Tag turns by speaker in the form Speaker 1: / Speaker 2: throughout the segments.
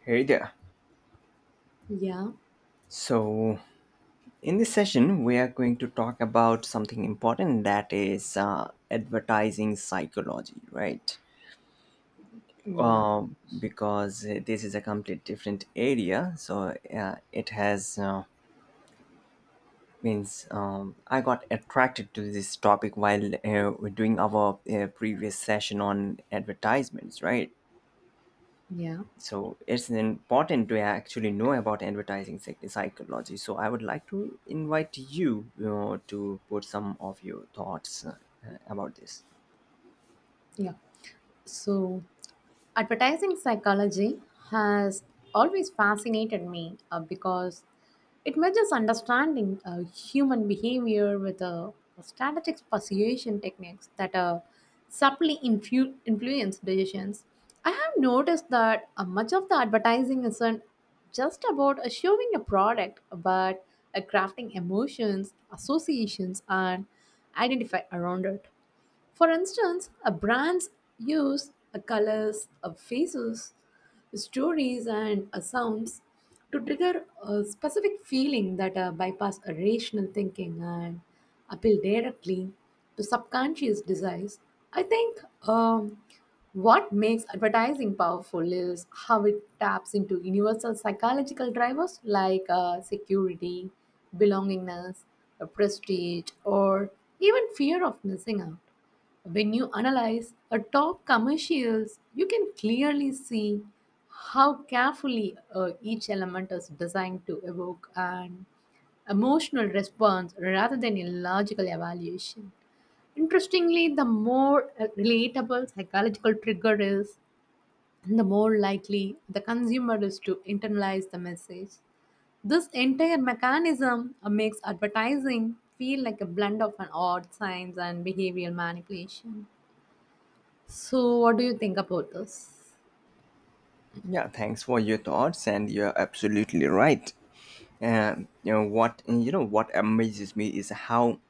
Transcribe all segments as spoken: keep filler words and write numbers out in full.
Speaker 1: Hey there.
Speaker 2: Yeah,
Speaker 1: So, in this session, we are going to talk about something important that is uh, advertising psychology, right?
Speaker 2: yeah,
Speaker 1: Uh, because this is a complete different area. So, uh, it has uh, means um, I got attracted to this topic while uh, we're doing our uh, previous session on advertisements, right?
Speaker 2: yeah,
Speaker 1: So it's important to actually know about advertising psych- psychology, so I would like to invite you, you know, to put some of your thoughts uh, about this.
Speaker 2: yeah. So, advertising psychology has always fascinated me uh, because it measures understanding uh, human behavior with uh, strategic persuasion techniques that uh, subtly infu- influence decisions. I have noticed that uh, much of the advertising isn't just about uh, showing a product, but uh, crafting emotions, associations, and identify around it. For instance, a brand's use a colors, a faces, stories, and a sounds to trigger a specific feeling that uh, bypass a rational thinking and appeal directly to subconscious desires. I think um, what makes advertising powerful is how it taps into universal psychological drivers like uh, security, belongingness, uh, prestige, or even fear of missing out. When you analyze a top commercials, you can clearly see how carefully uh, each element is designed to evoke an emotional response rather than a logical evaluation. Interestingly, the more uh, relatable psychological trigger is, the more likely the consumer is to internalize the message. This entire mechanism uh, makes advertising feel like a blend of an odd science and behavioral manipulation. So, what do you think about this?
Speaker 1: Yeah, thanks for your thoughts and you're absolutely right. Um, you know what you know what amazes me is how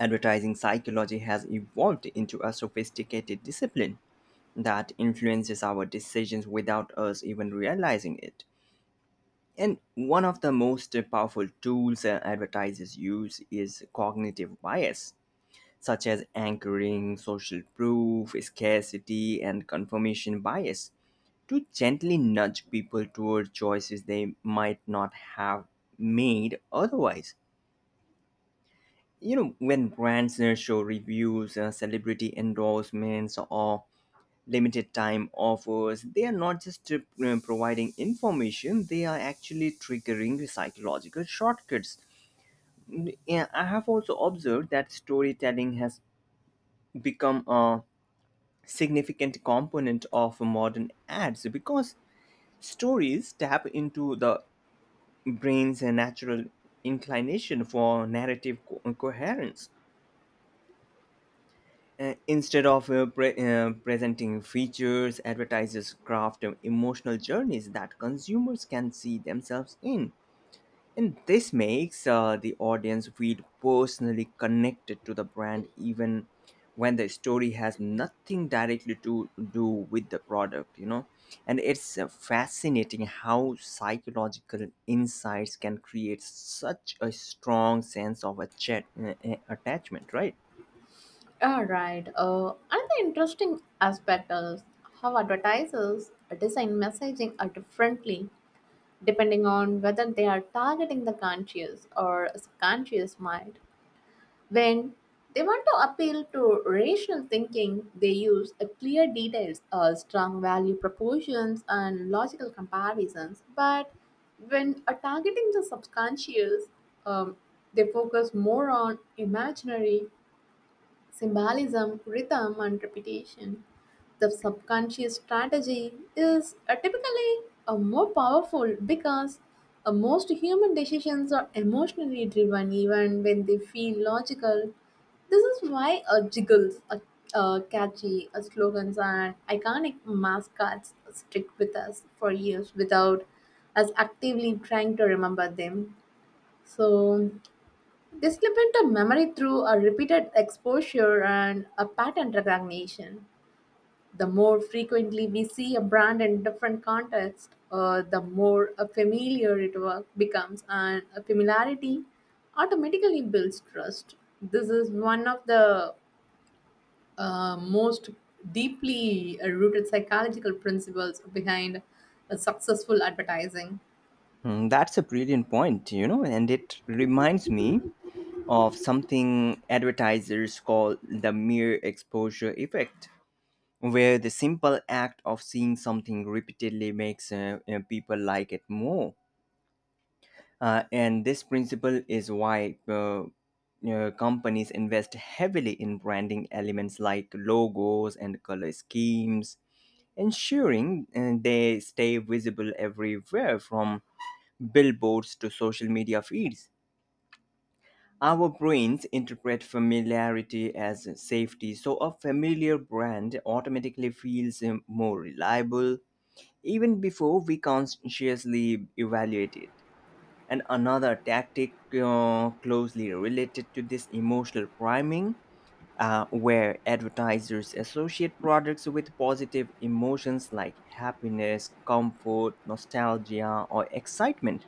Speaker 1: advertising psychology has evolved into a sophisticated discipline that influences our decisions without us even realizing it. And one of the most powerful tools uh, advertisers use is cognitive bias, such as anchoring, social proof, scarcity, and confirmation bias, to gently nudge people toward choices they might not have made otherwise. You know, when brands uh, show reviews, uh, celebrity endorsements, or limited time offers, they are not just uh, providing information, they are actually triggering psychological shortcuts. Yeah, I have also observed that storytelling has become a significant component of modern ads because stories tap into the brain's natural inclination for narrative co- coherence. Uh, instead of uh, pre- uh, presenting features, advertisers craft uh, emotional journeys that consumers can see themselves in. And this makes uh, the audience feel personally connected to the brand, even when the story has nothing directly to do with the product, you know. And it's uh, fascinating how psychological insights can create such a strong sense of a chat, uh, uh, attachment, right?
Speaker 2: All right. Uh, another interesting aspect is how advertisers design messaging are differently depending on whether they are targeting the conscious or subconscious mind. When they want to appeal to rational thinking, they use a clear details, uh, strong value propositions, and logical comparisons. But when uh, targeting the subconscious, um, they focus more on imaginary symbolism, rhythm, and repetition. The subconscious strategy is uh, typically a more powerful because uh, most human decisions are emotionally driven even when they feel logical. This is why uh, jiggles, uh, uh, catchy uh, slogans, and iconic mascots stick with us for years without us actively trying to remember them. So, they slip into memory through a repeated exposure and a pattern recognition. The more frequently we see a brand in different contexts, uh, the more a familiar it wa- becomes, and a familiarity automatically builds trust. This is one of the uh, most deeply uh, rooted psychological principles behind uh, successful advertising.
Speaker 1: Mm, that's a brilliant point, you know, and it reminds me of something advertisers call the mere exposure effect, where the simple act of seeing something repeatedly makes uh, uh, people like it more. Uh, and this principle is why uh, uh, companies invest heavily in branding elements like logos and color schemes, ensuring uh, they stay visible everywhere from billboards to social media feeds. Our brains interpret familiarity as safety, so a familiar brand automatically feels um, more reliable even before we consciously evaluate it. And another tactic uh, closely related to this emotional priming, uh, where advertisers associate products with positive emotions like happiness, comfort, nostalgia, or excitement.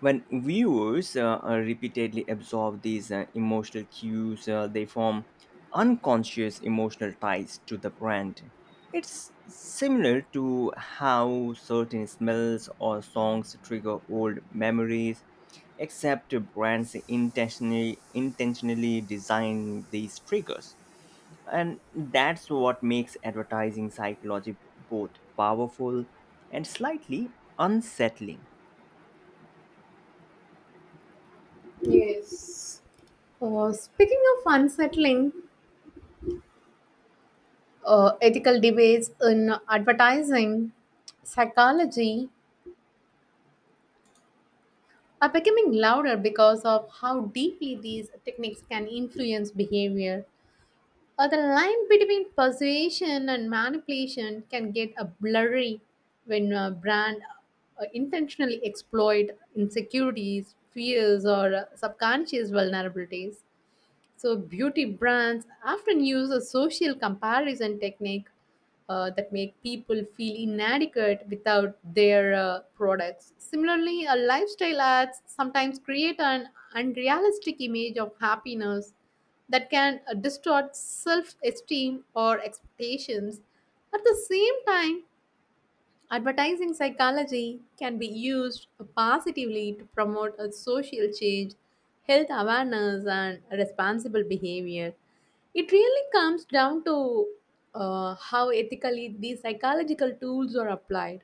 Speaker 1: When viewers uh, uh, repeatedly absorb these uh, emotional cues, uh, they form unconscious emotional ties to the brand. It's similar to how certain smells or songs trigger old memories, except brands intentionally, intentionally design these triggers. And that's what makes advertising psychology both powerful and slightly unsettling.
Speaker 2: Yes. Uh, speaking of unsettling, uh, ethical debates in advertising, psychology are becoming louder because of how deeply these techniques can influence behavior. Uh, the line between persuasion and manipulation can get a blurry when a brand uh, intentionally exploit insecurities, fears, or uh, subconscious vulnerabilities. So, beauty brands often use a social comparison technique uh, that make people feel inadequate without their uh, products. Similarly, a lifestyle ads sometimes create an unrealistic image of happiness that can uh, distort self-esteem or expectations. At the same time, advertising psychology can be used positively to promote a social change, health awareness, and responsible behavior. It really comes down to uh, how ethically these psychological tools are applied.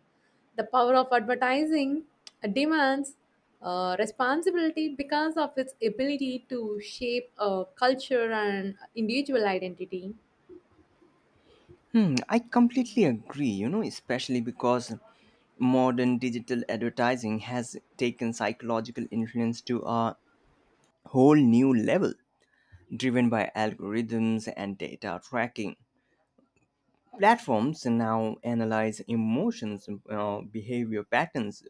Speaker 2: The power of advertising demands uh, responsibility because of its ability to shape a culture and individual identity.
Speaker 1: Hmm, I completely agree, you know, especially because modern digital advertising has taken psychological influence to a whole new level, driven by algorithms and data tracking. Platforms now analyze emotions, uh, behavior patterns,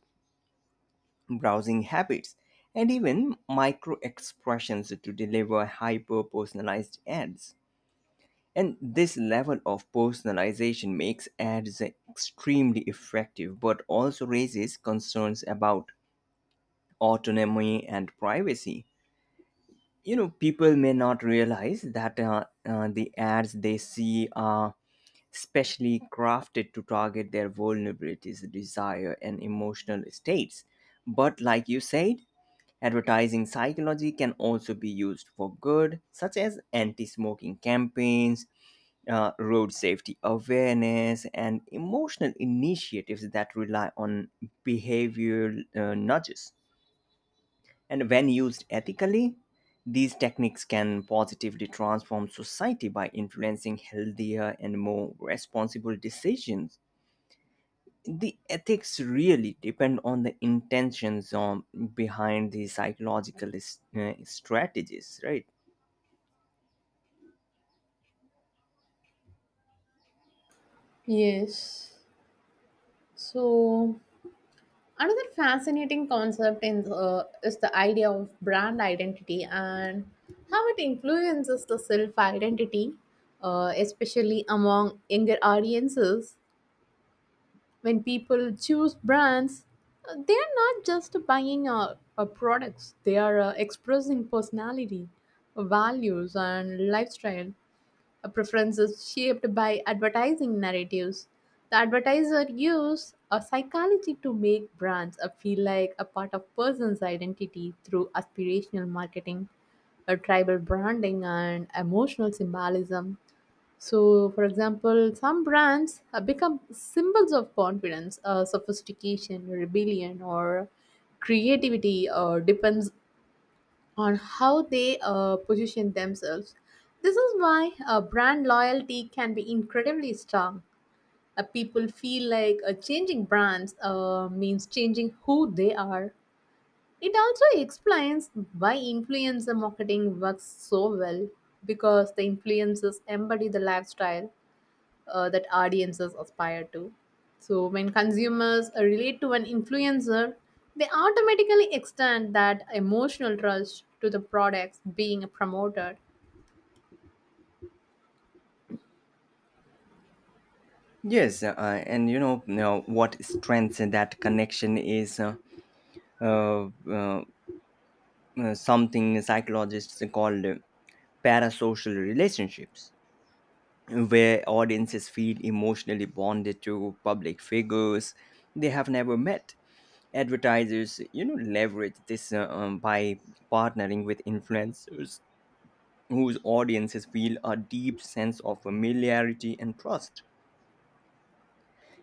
Speaker 1: browsing habits, and even micro expressions to deliver hyper personalized ads. And this level of personalization makes ads extremely effective, but also raises concerns about autonomy and privacy. You know, people may not realize that uh, uh, the ads they see are specially crafted to target their vulnerabilities, desire, and emotional states. But, like you said, advertising psychology can also be used for good, such as anti smoking campaigns, uh, road safety awareness, and emotional initiatives that rely on behavioral uh, nudges. And when used ethically, these techniques can positively transform society by influencing healthier and more responsible decisions. The ethics really depend on the intentions um, behind the psychological s- uh, strategies, right?
Speaker 2: Yes. So another fascinating concept in the, is the idea of brand identity and how it influences the self identity, uh, especially among younger audiences. When people choose brands, uh, they are not just buying uh, uh, products, they are uh, expressing personality, values, and lifestyle. A preference is shaped by advertising narratives. The advertiser uses a psychology to make brands uh, feel like a part of person's identity through aspirational marketing, a tribal branding, and emotional symbolism. So, for example, some brands uh, become symbols of confidence, uh, sophistication, rebellion, or creativity uh, depends on how they uh, position themselves. This is why uh, brand loyalty can be incredibly strong. Uh, people feel like uh, changing brands uh, means changing who they are. It also explains why influencer marketing works so well because the influencers embody the lifestyle uh, that audiences aspire to. So, when consumers uh, relate to an influencer, they automatically extend that emotional trust to the products being promoted.
Speaker 1: Yes, uh, and you know, you know what strengths that connection is uh, uh, uh, uh, something psychologists call uh, parasocial relationships, where audiences feel emotionally bonded to public figures they have never met. Advertisers, you know, leverage this uh, um, by partnering with influencers whose audiences feel a deep sense of familiarity and trust.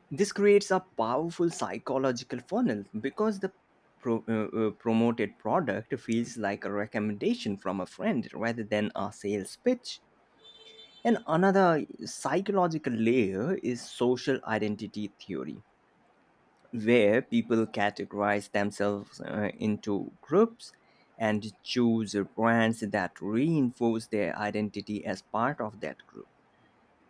Speaker 1: This creates a powerful psychological funnel because the pro- uh, uh, promoted product feels like a recommendation from a friend rather than a sales pitch. And another psychological layer is social identity theory, where people categorize themselves uh, into groups and choose brands that reinforce their identity as part of that group.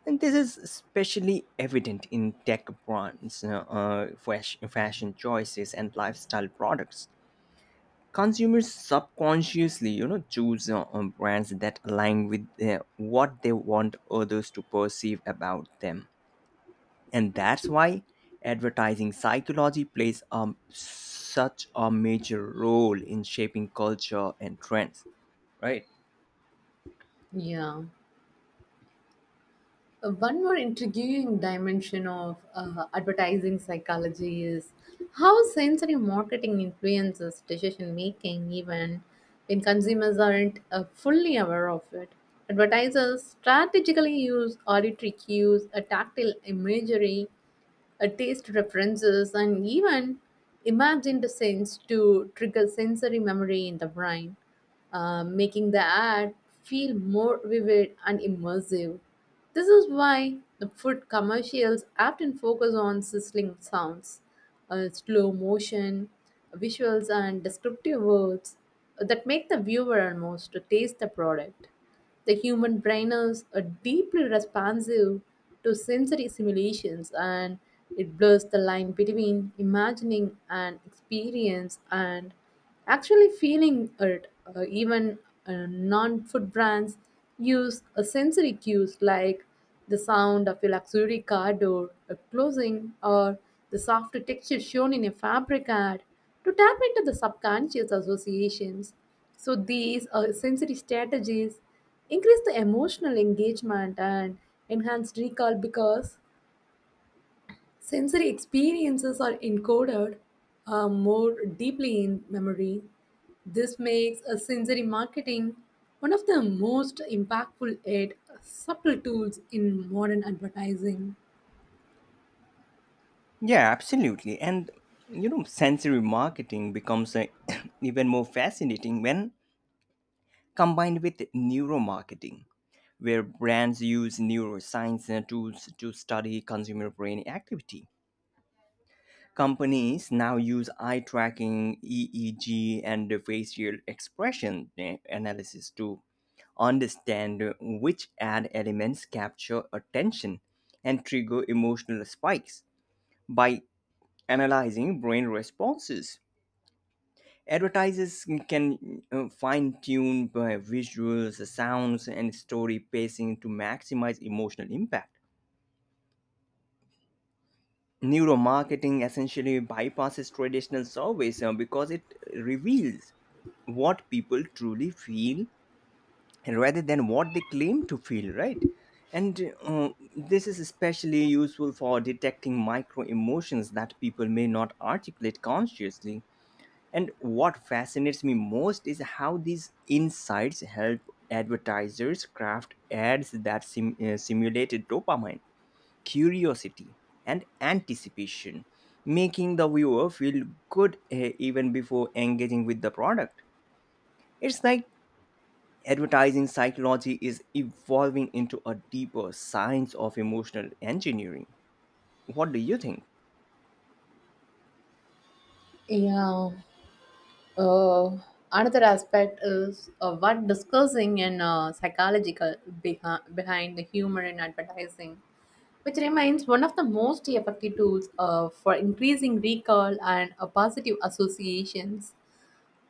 Speaker 1: And this is especially evident in tech brands, uh, uh, fash- fashion choices, and lifestyle products. Consumers subconsciously, you know, choose uh, um, brands that align with uh, what they want others to perceive about them, and that's why advertising psychology plays um, such a major role in shaping culture and trends. Right?
Speaker 2: Yeah. Uh, one more intriguing dimension of uh, advertising psychology is how sensory marketing influences decision making, even when consumers aren't uh, fully aware of it. Advertisers strategically use auditory cues, a tactile imagery, uh, taste preferences, and even imagined sense to trigger sensory memory in the brain, uh, making the ad feel more vivid and immersive. This is why the food commercials often focus on sizzling sounds, uh, slow motion, visuals, and descriptive words that make the viewer almost to taste the product. The human brain is uh, deeply responsive to sensory simulations and it blurs the line between imagining an experience and actually feeling it. Uh, even uh, non food brands use uh, sensory cues like the sound of a luxury car door uh, closing or the soft texture shown in a fabric ad to tap into the subconscious associations. So these are sensory strategies increase the emotional engagement and enhance recall because sensory experiences are encoded uh, more deeply in memory. This makes a sensory marketing one of the most impactful yet subtle tools in modern advertising.
Speaker 1: Yeah, absolutely. And you know, sensory marketing becomes uh, even more fascinating when combined with neuromarketing, where brands use neuroscience uh, tools to study consumer brain activity. Companies now use eye tracking, E E G, and facial expression uh, analysis to understand uh, which ad elements capture attention and trigger emotional spikes by analyzing brain responses. Advertisers can uh, fine tune uh, visuals, sounds, and story pacing to maximize emotional impact. Neuromarketing essentially bypasses traditional surveys uh, because it reveals what people truly feel rather than what they claim to feel, right? And uh, this is especially useful for detecting micro emotions that people may not articulate consciously. And what fascinates me most is how these insights help advertisers craft ads that sim- uh, simulate dopamine, curiosity, and anticipation, making the viewer feel good uh, even before engaging with the product. It's like advertising psychology is evolving into a deeper science of emotional engineering. What do you think?
Speaker 2: Yeah, Uh, another aspect is uh, what discussing and uh, psychological behi- behind the humor in advertising, which remains one of the most effective tools uh, for increasing recall and uh, positive associations.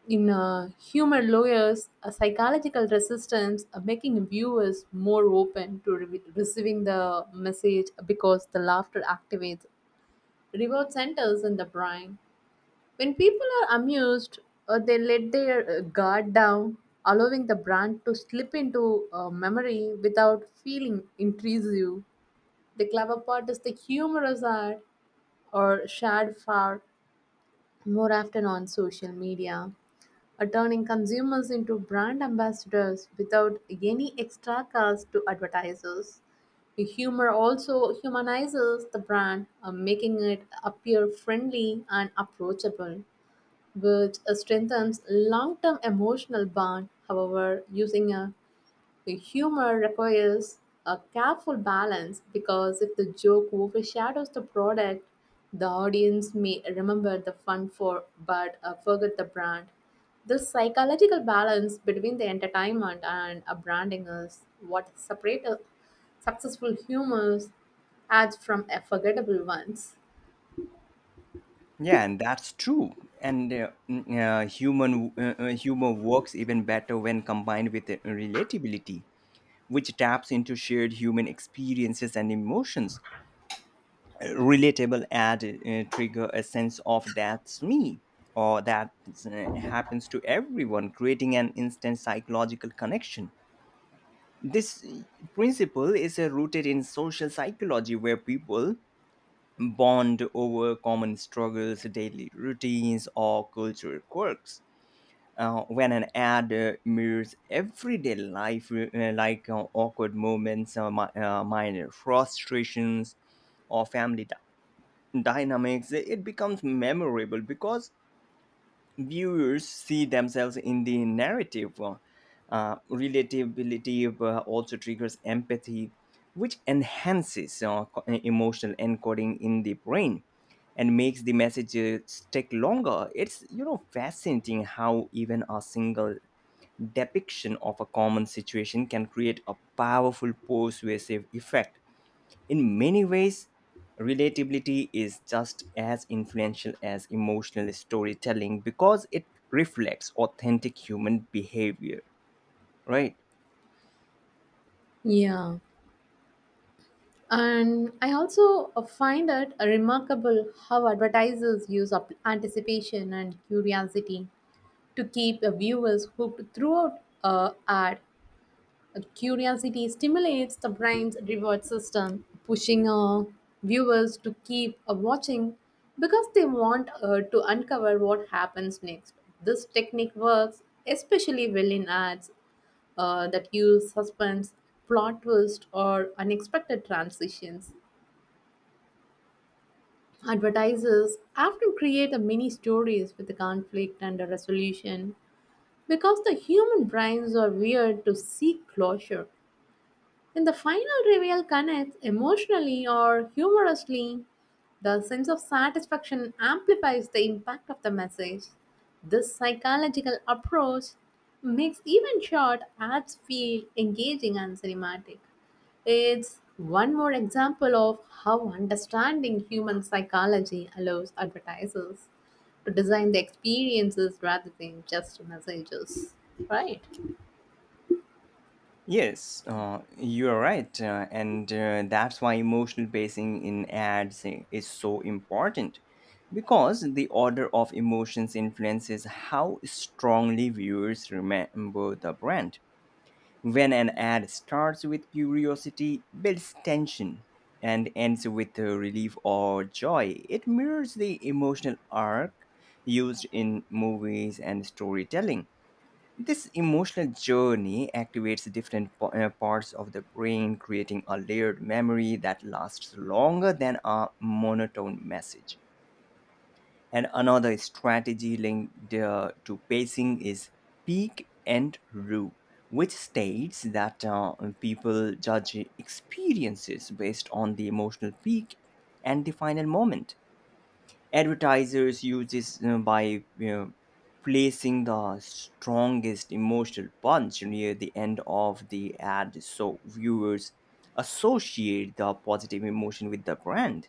Speaker 2: In uh, humor lawyers, a psychological resistance uh, making viewers more open to re- receiving the message because the laughter activates reward centers in the brain when people are amused, uh, they let their uh, guard down, allowing the brand to slip into uh, memory without feeling intrusive. The clever part is the humorous art or shared far more often on social media, uh, turning consumers into brand ambassadors without any extra cost to advertisers. The humor also humanizes the brand, uh, making it appear friendly and approachable which strengthens long-term emotional bond. However, using a, a humor requires a careful balance because if the joke overshadows the product, the audience may remember the fun for but uh, forget the brand. This psychological balance between the entertainment and a branding is what separates successful humors ads from a forgettable ones.
Speaker 1: Yeah, and that's true. And uh, n- uh, human uh, uh, humor works even better when combined with uh, relatability, which taps into shared human experiences and emotions. Uh, Relatable ad uh, trigger a sense of that's me or that uh, happens to everyone, creating an instant psychological connection. This uh, principle is uh, rooted in social psychology, where people bond over common struggles, daily routines, or cultural quirks. Uh, when an ad uh, mirrors everyday life, uh, like uh, awkward moments, uh, mi- uh, minor frustrations, or family dy- dynamics, it becomes memorable because viewers see themselves in the narrative. Uh, uh, relatability uh, also triggers empathy, which enhances uh, co- uh, emotional encoding in the brain and makes the messages take longer. It's, you know, fascinating how even a single depiction of a common situation can create a powerful persuasive effect. In many ways, relatability is just as influential as emotional storytelling because it reflects authentic human behavior, right?
Speaker 2: Yeah. And I also uh, find it remarkable how advertisers use up anticipation and curiosity to keep the viewers hooked throughout a ad. Uh, Curiosity stimulates the brain's reward system, pushing uh, viewers to keep uh, watching because they want uh, to uncover what happens next. This technique works especially well in ads uh, that use suspense, plot twist, or unexpected transitions. Advertisers often create a mini stories with the conflict and a resolution because the human brains are wired to seek closure. In the final reveal connects emotionally or humorously, the sense of satisfaction amplifies the impact of the message. This psychological approach makes even short ads feel engaging and cinematic. It's one more example of how understanding human psychology allows advertisers to design the experiences rather than just messages.
Speaker 1: Yes, uh, you are right. Uh, and uh, That's why emotional pacing in ads i- is so important because the order of emotions influences how strongly viewers remember the brand. When an ad starts with curiosity, builds tension, and ends with uh, relief or joy, it mirrors the emotional arc used in movies and storytelling. This emotional journey activates different po- uh, parts of the brain, creating a layered memory that lasts longer than a monotone message. And another strategy linked uh, to pacing is peak and rue, which states that uh, people judge experiences based on the emotional peak and the final moment. Advertisers use this, you know, by, you know, placing the strongest emotional punch near the end of the ad so viewers associate the positive emotion with the brand.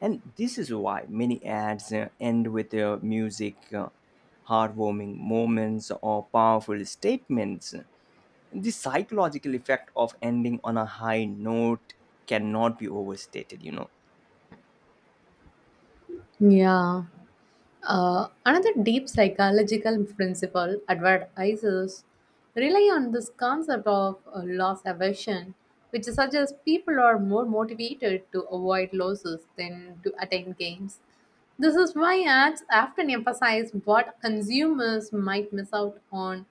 Speaker 1: And this is why many ads uh, end with uh, music, uh, heartwarming moments, or powerful statements. The psychological effect of ending on a high note cannot be overstated, you know.
Speaker 2: Yeah. Uh, another deep psychological principle advertisers rely on this concept of uh, loss aversion, which suggests people are more motivated to avoid losses than to attain gains. This is why ads often emphasize what consumers might miss out on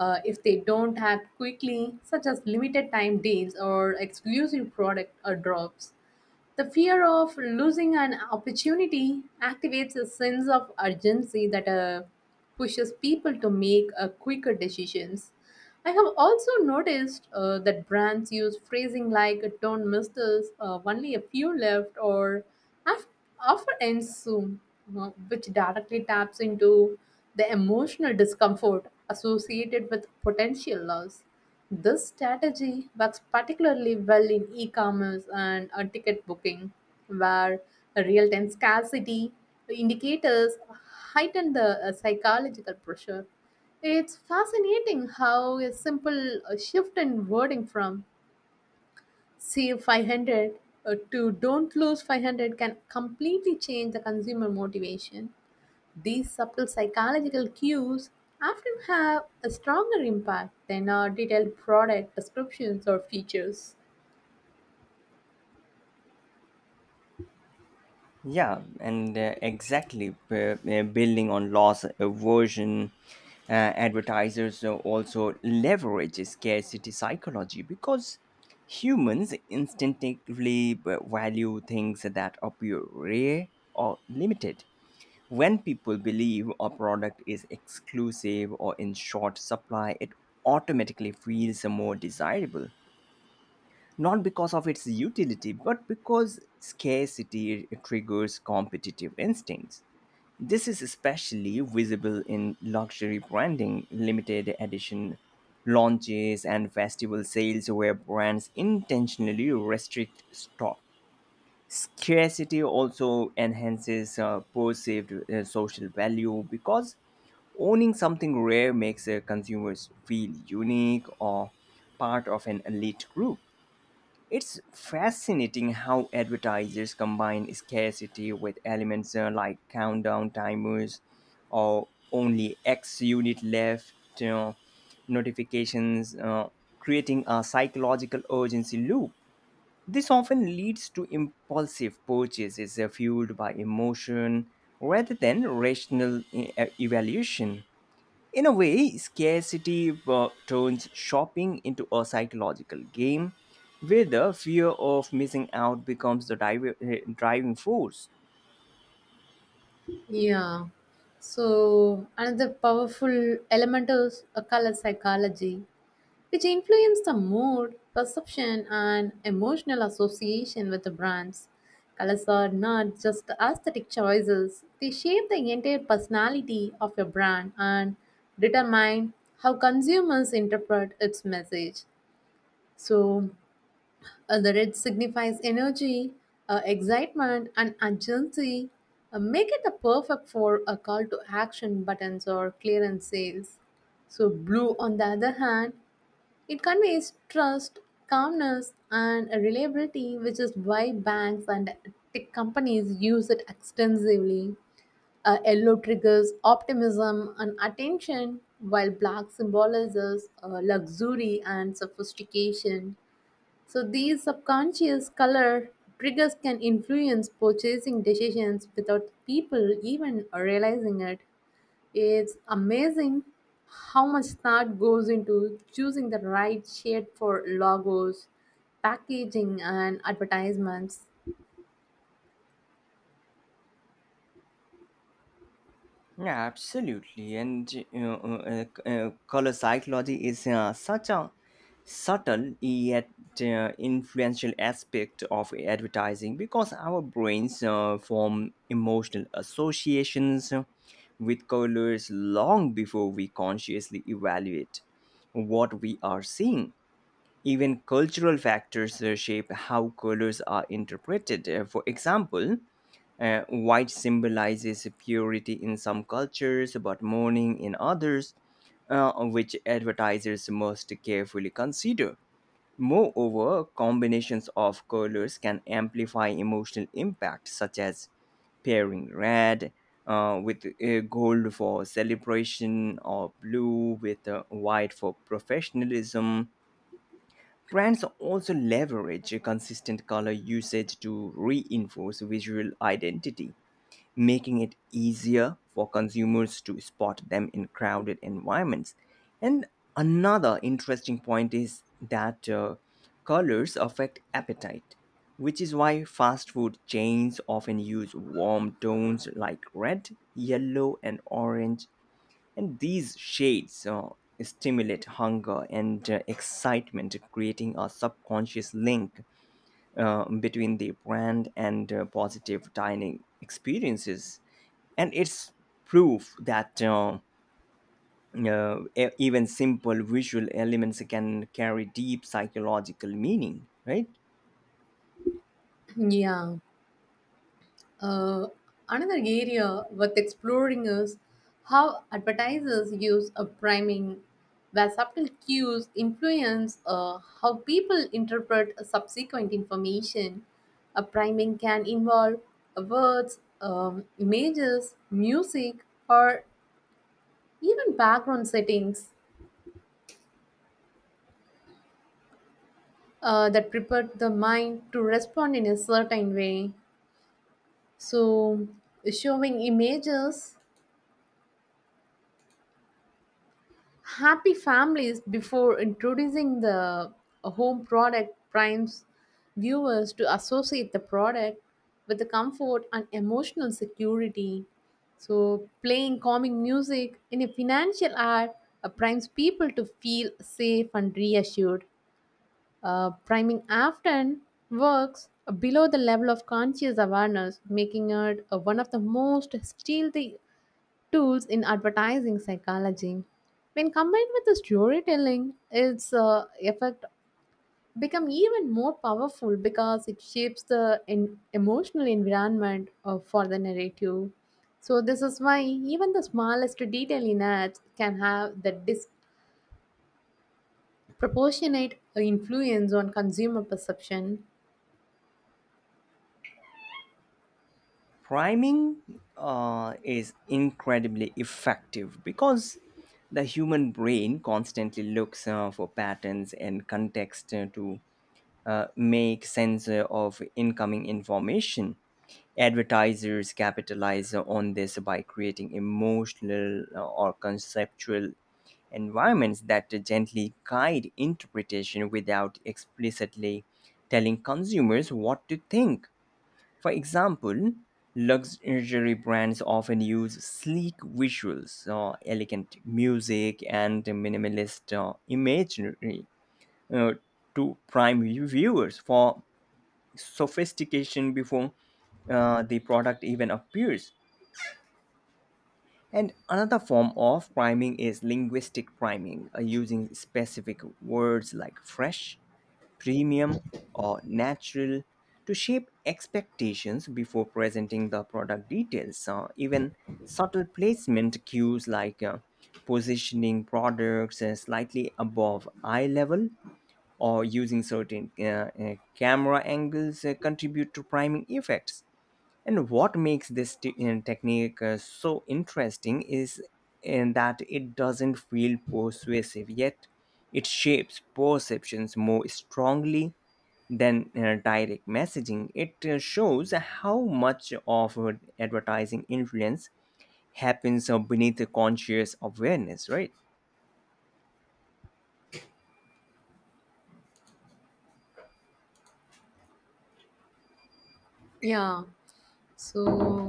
Speaker 2: uh, if they don't act quickly, such as limited time deals or exclusive product or drops. The fear of losing an opportunity activates a sense of urgency that uh, pushes people to make uh, quicker decisions. I have also noticed uh, that brands use phrasing like "Don't miss this," uh, "Only a few left," or Af- "Offer ends soon," uh, which directly taps into the emotional discomfort associated with potential loss. This strategy works particularly well in e commerce and uh, ticket booking, where real time scarcity indicators heighten the uh, psychological pressure. It's fascinating how a simple uh, shift in wording from "save five hundred" uh, to "don't lose five hundred" can completely change the consumer motivation. These subtle psychological cues often have a stronger impact than our detailed product descriptions or features.
Speaker 1: Yeah, and uh, exactly. B- uh, building on loss aversion, uh, advertisers uh, also leverage scarcity psychology because humans instinctively b- value things that appear rare or limited. When people believe a product is exclusive or in short supply, it automatically feels more desirable, not because of its utility, but because scarcity triggers competitive instincts. This is especially visible in luxury branding, limited edition launches, and festival sales where brands intentionally restrict stock. Scarcity also enhances uh, perceived uh, social value because owning something rare makes uh, consumers feel unique or part of an elite group. It's fascinating how advertisers combine scarcity with elements uh, like countdown timers or only X unit left, you know, notifications, uh, creating a psychological urgency loop. This often leads to impulsive purchases uh, fueled by emotion rather than rational e- e, evaluation. In a way, scarcity uh, turns shopping into a psychological game where the fear of missing out becomes the diver- eh, driving force.
Speaker 2: Yeah. So another powerful element is a color psychology, which influence the mood, perception, and emotional association with the brands. Colors are not just aesthetic choices, they shape the entire personality of a brand and determine how consumers interpret its message. So, uh, the red signifies energy, uh, excitement, and urgency. Uh, make it a perfect for a call to action buttons or clearance sales. So, blue, on the other hand, it conveys trust, calmness, and a reliability, which is why banks and tech companies use it extensively. Uh, yellow triggers optimism and attention, while black symbolizes uh, luxury and sophistication. So, these subconscious color triggers can influence purchasing decisions without people even realizing it. It's amazing how much thought goes into choosing the right shade for logos, packaging, and advertisements.
Speaker 1: Yeah, absolutely. And you uh, uh, Color psychology is uh, such a subtle yet uh, influential aspect of advertising because our brains uh, form emotional associations with colors long before we consciously evaluate what we are seeing. Even cultural factors uh, shape how colors are interpreted. Uh, For example, uh, white symbolizes purity in some cultures, but mourning in others, uh, which advertisers must carefully consider. Moreover, combinations of colors can amplify emotional impact, such as pairing red uh, with uh, gold for celebration or blue with uh, white for professionalism. Brands also leverage consistent color usage to reinforce visual identity, making it easier for consumers to spot them in crowded environments. And another interesting point is that uh, colors affect appetite, which is why fast food chains often use warm tones like red, yellow, and orange. And these shades uh, stimulate hunger and uh, excitement, creating a subconscious link uh, between the brand and uh, positive dining experiences. And it's proof that uh, uh, e- even simple visual elements can carry deep psychological meaning, right?
Speaker 2: Yeah. Uh, another area worth exploring is how advertisers use a priming, where subtle cues influence uh, how people interpret subsequent information. A priming can involve words, um, images, music, or even background settings uh, that prepare the mind to respond in a certain way. So, showing images, happy families before introducing the home product primes viewers to associate the product with the comfort and emotional security. So, playing calming music in a financial ad uh, primes people to feel safe and reassured. Uh, priming often works below the level of conscious awareness, making it uh, one of the most stealthy tools in advertising psychology. When combined with the storytelling, its uh, effect become even more powerful because it shapes the en- emotional environment uh, for the narrative. So this is why even the smallest detail in ads can have the disproportionate uh, influence on consumer perception.
Speaker 1: Priming uh, is incredibly effective because the human brain constantly looks uh, for patterns and context uh, to uh, make sense of incoming information. Advertisers capitalize on this by creating emotional uh, or conceptual environments that gently guide interpretation without explicitly telling consumers what to think. For example, luxury brands often use sleek visuals, uh, elegant music, and minimalist uh, imagery uh, to prime viewers for sophistication before uh, the product even appears. And another form of priming is linguistic priming, uh, using specific words like fresh, premium, or natural to shape expectations before presenting the product details. Uh, even subtle placement cues like uh, positioning products uh, slightly above eye level or using certain uh, uh, camera angles uh, contribute to priming effects. And what makes this te- uh, technique uh, so interesting is in that it doesn't feel persuasive, yet it shapes perceptions more strongly than uh, direct messaging. It uh, shows how much of uh, advertising influence happens uh, beneath the conscious awareness, right?
Speaker 2: Yeah. So,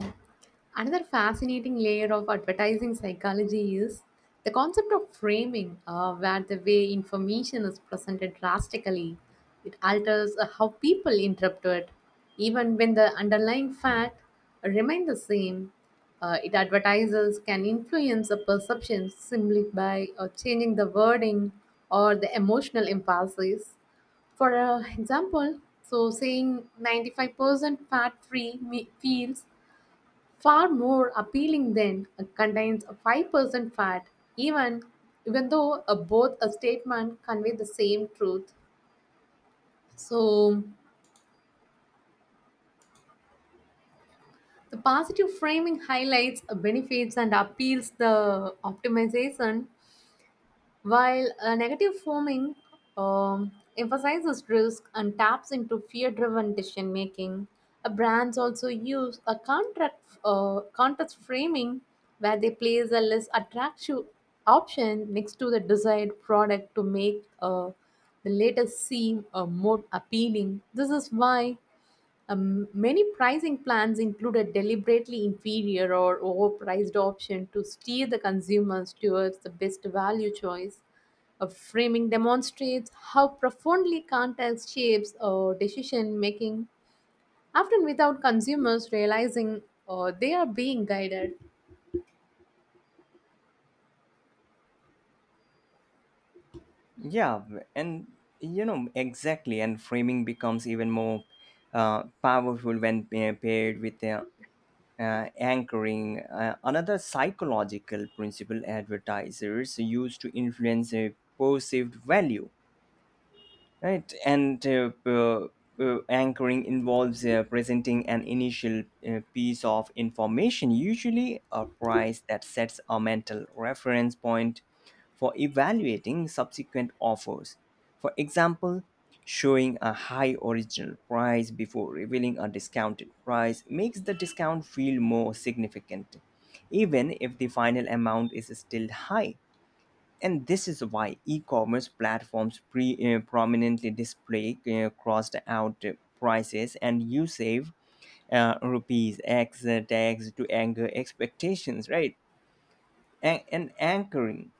Speaker 2: another fascinating layer of advertising psychology is the concept of framing, uh, where the way information is presented drastically. It alters uh, how people interpret it, even when the underlying fact remain the same. Uh, it advertises can influence a perception simply by uh, changing the wording or the emotional impulses. For uh, example, so saying ninety-five percent fat free me- feels far more appealing than uh, contains a five percent fat, even even though uh, both a statement convey the same truth. So the positive framing highlights uh, benefits and appeals the optimization while uh, negative framing, um, emphasizes risk and taps into fear driven decision making, uh, brands also use a contract, uh, contrast framing where they place a less attractive option next to the desired product to make uh, the latter seem uh, more appealing. This is why um, many pricing plans include a deliberately inferior or overpriced option to steer the consumers towards the best value choice. A framing demonstrates how profoundly context shapes uh, decision making, often without consumers realizing uh, they are being guided.
Speaker 1: Yeah, w- and you know exactly, and framing becomes even more uh, powerful when pa- paired with uh, uh, anchoring. Uh, another psychological principle advertisers use to influence a perceived value. Right, and uh, uh, uh, anchoring involves uh, presenting an initial uh, piece of information, usually a price that sets a mental reference point for evaluating subsequent offers. For example, showing a high original price before revealing a discounted price makes the discount feel more significant, even if the final amount is still high. And this is why e commerce platforms pre- uh, prominently display uh, crossed out uh, prices, and you save uh, rupees X uh, tags to anchor expectations, right? And, and anchoring.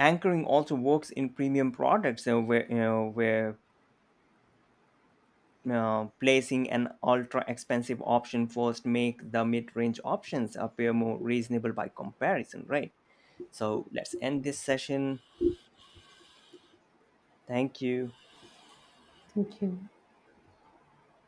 Speaker 1: Anchoring also works in premium products uh, where, you know, where uh, placing an ultra expensive option first make the mid-range options appear more reasonable by comparison, right? So let's end this session. Thank you.
Speaker 2: Thank you.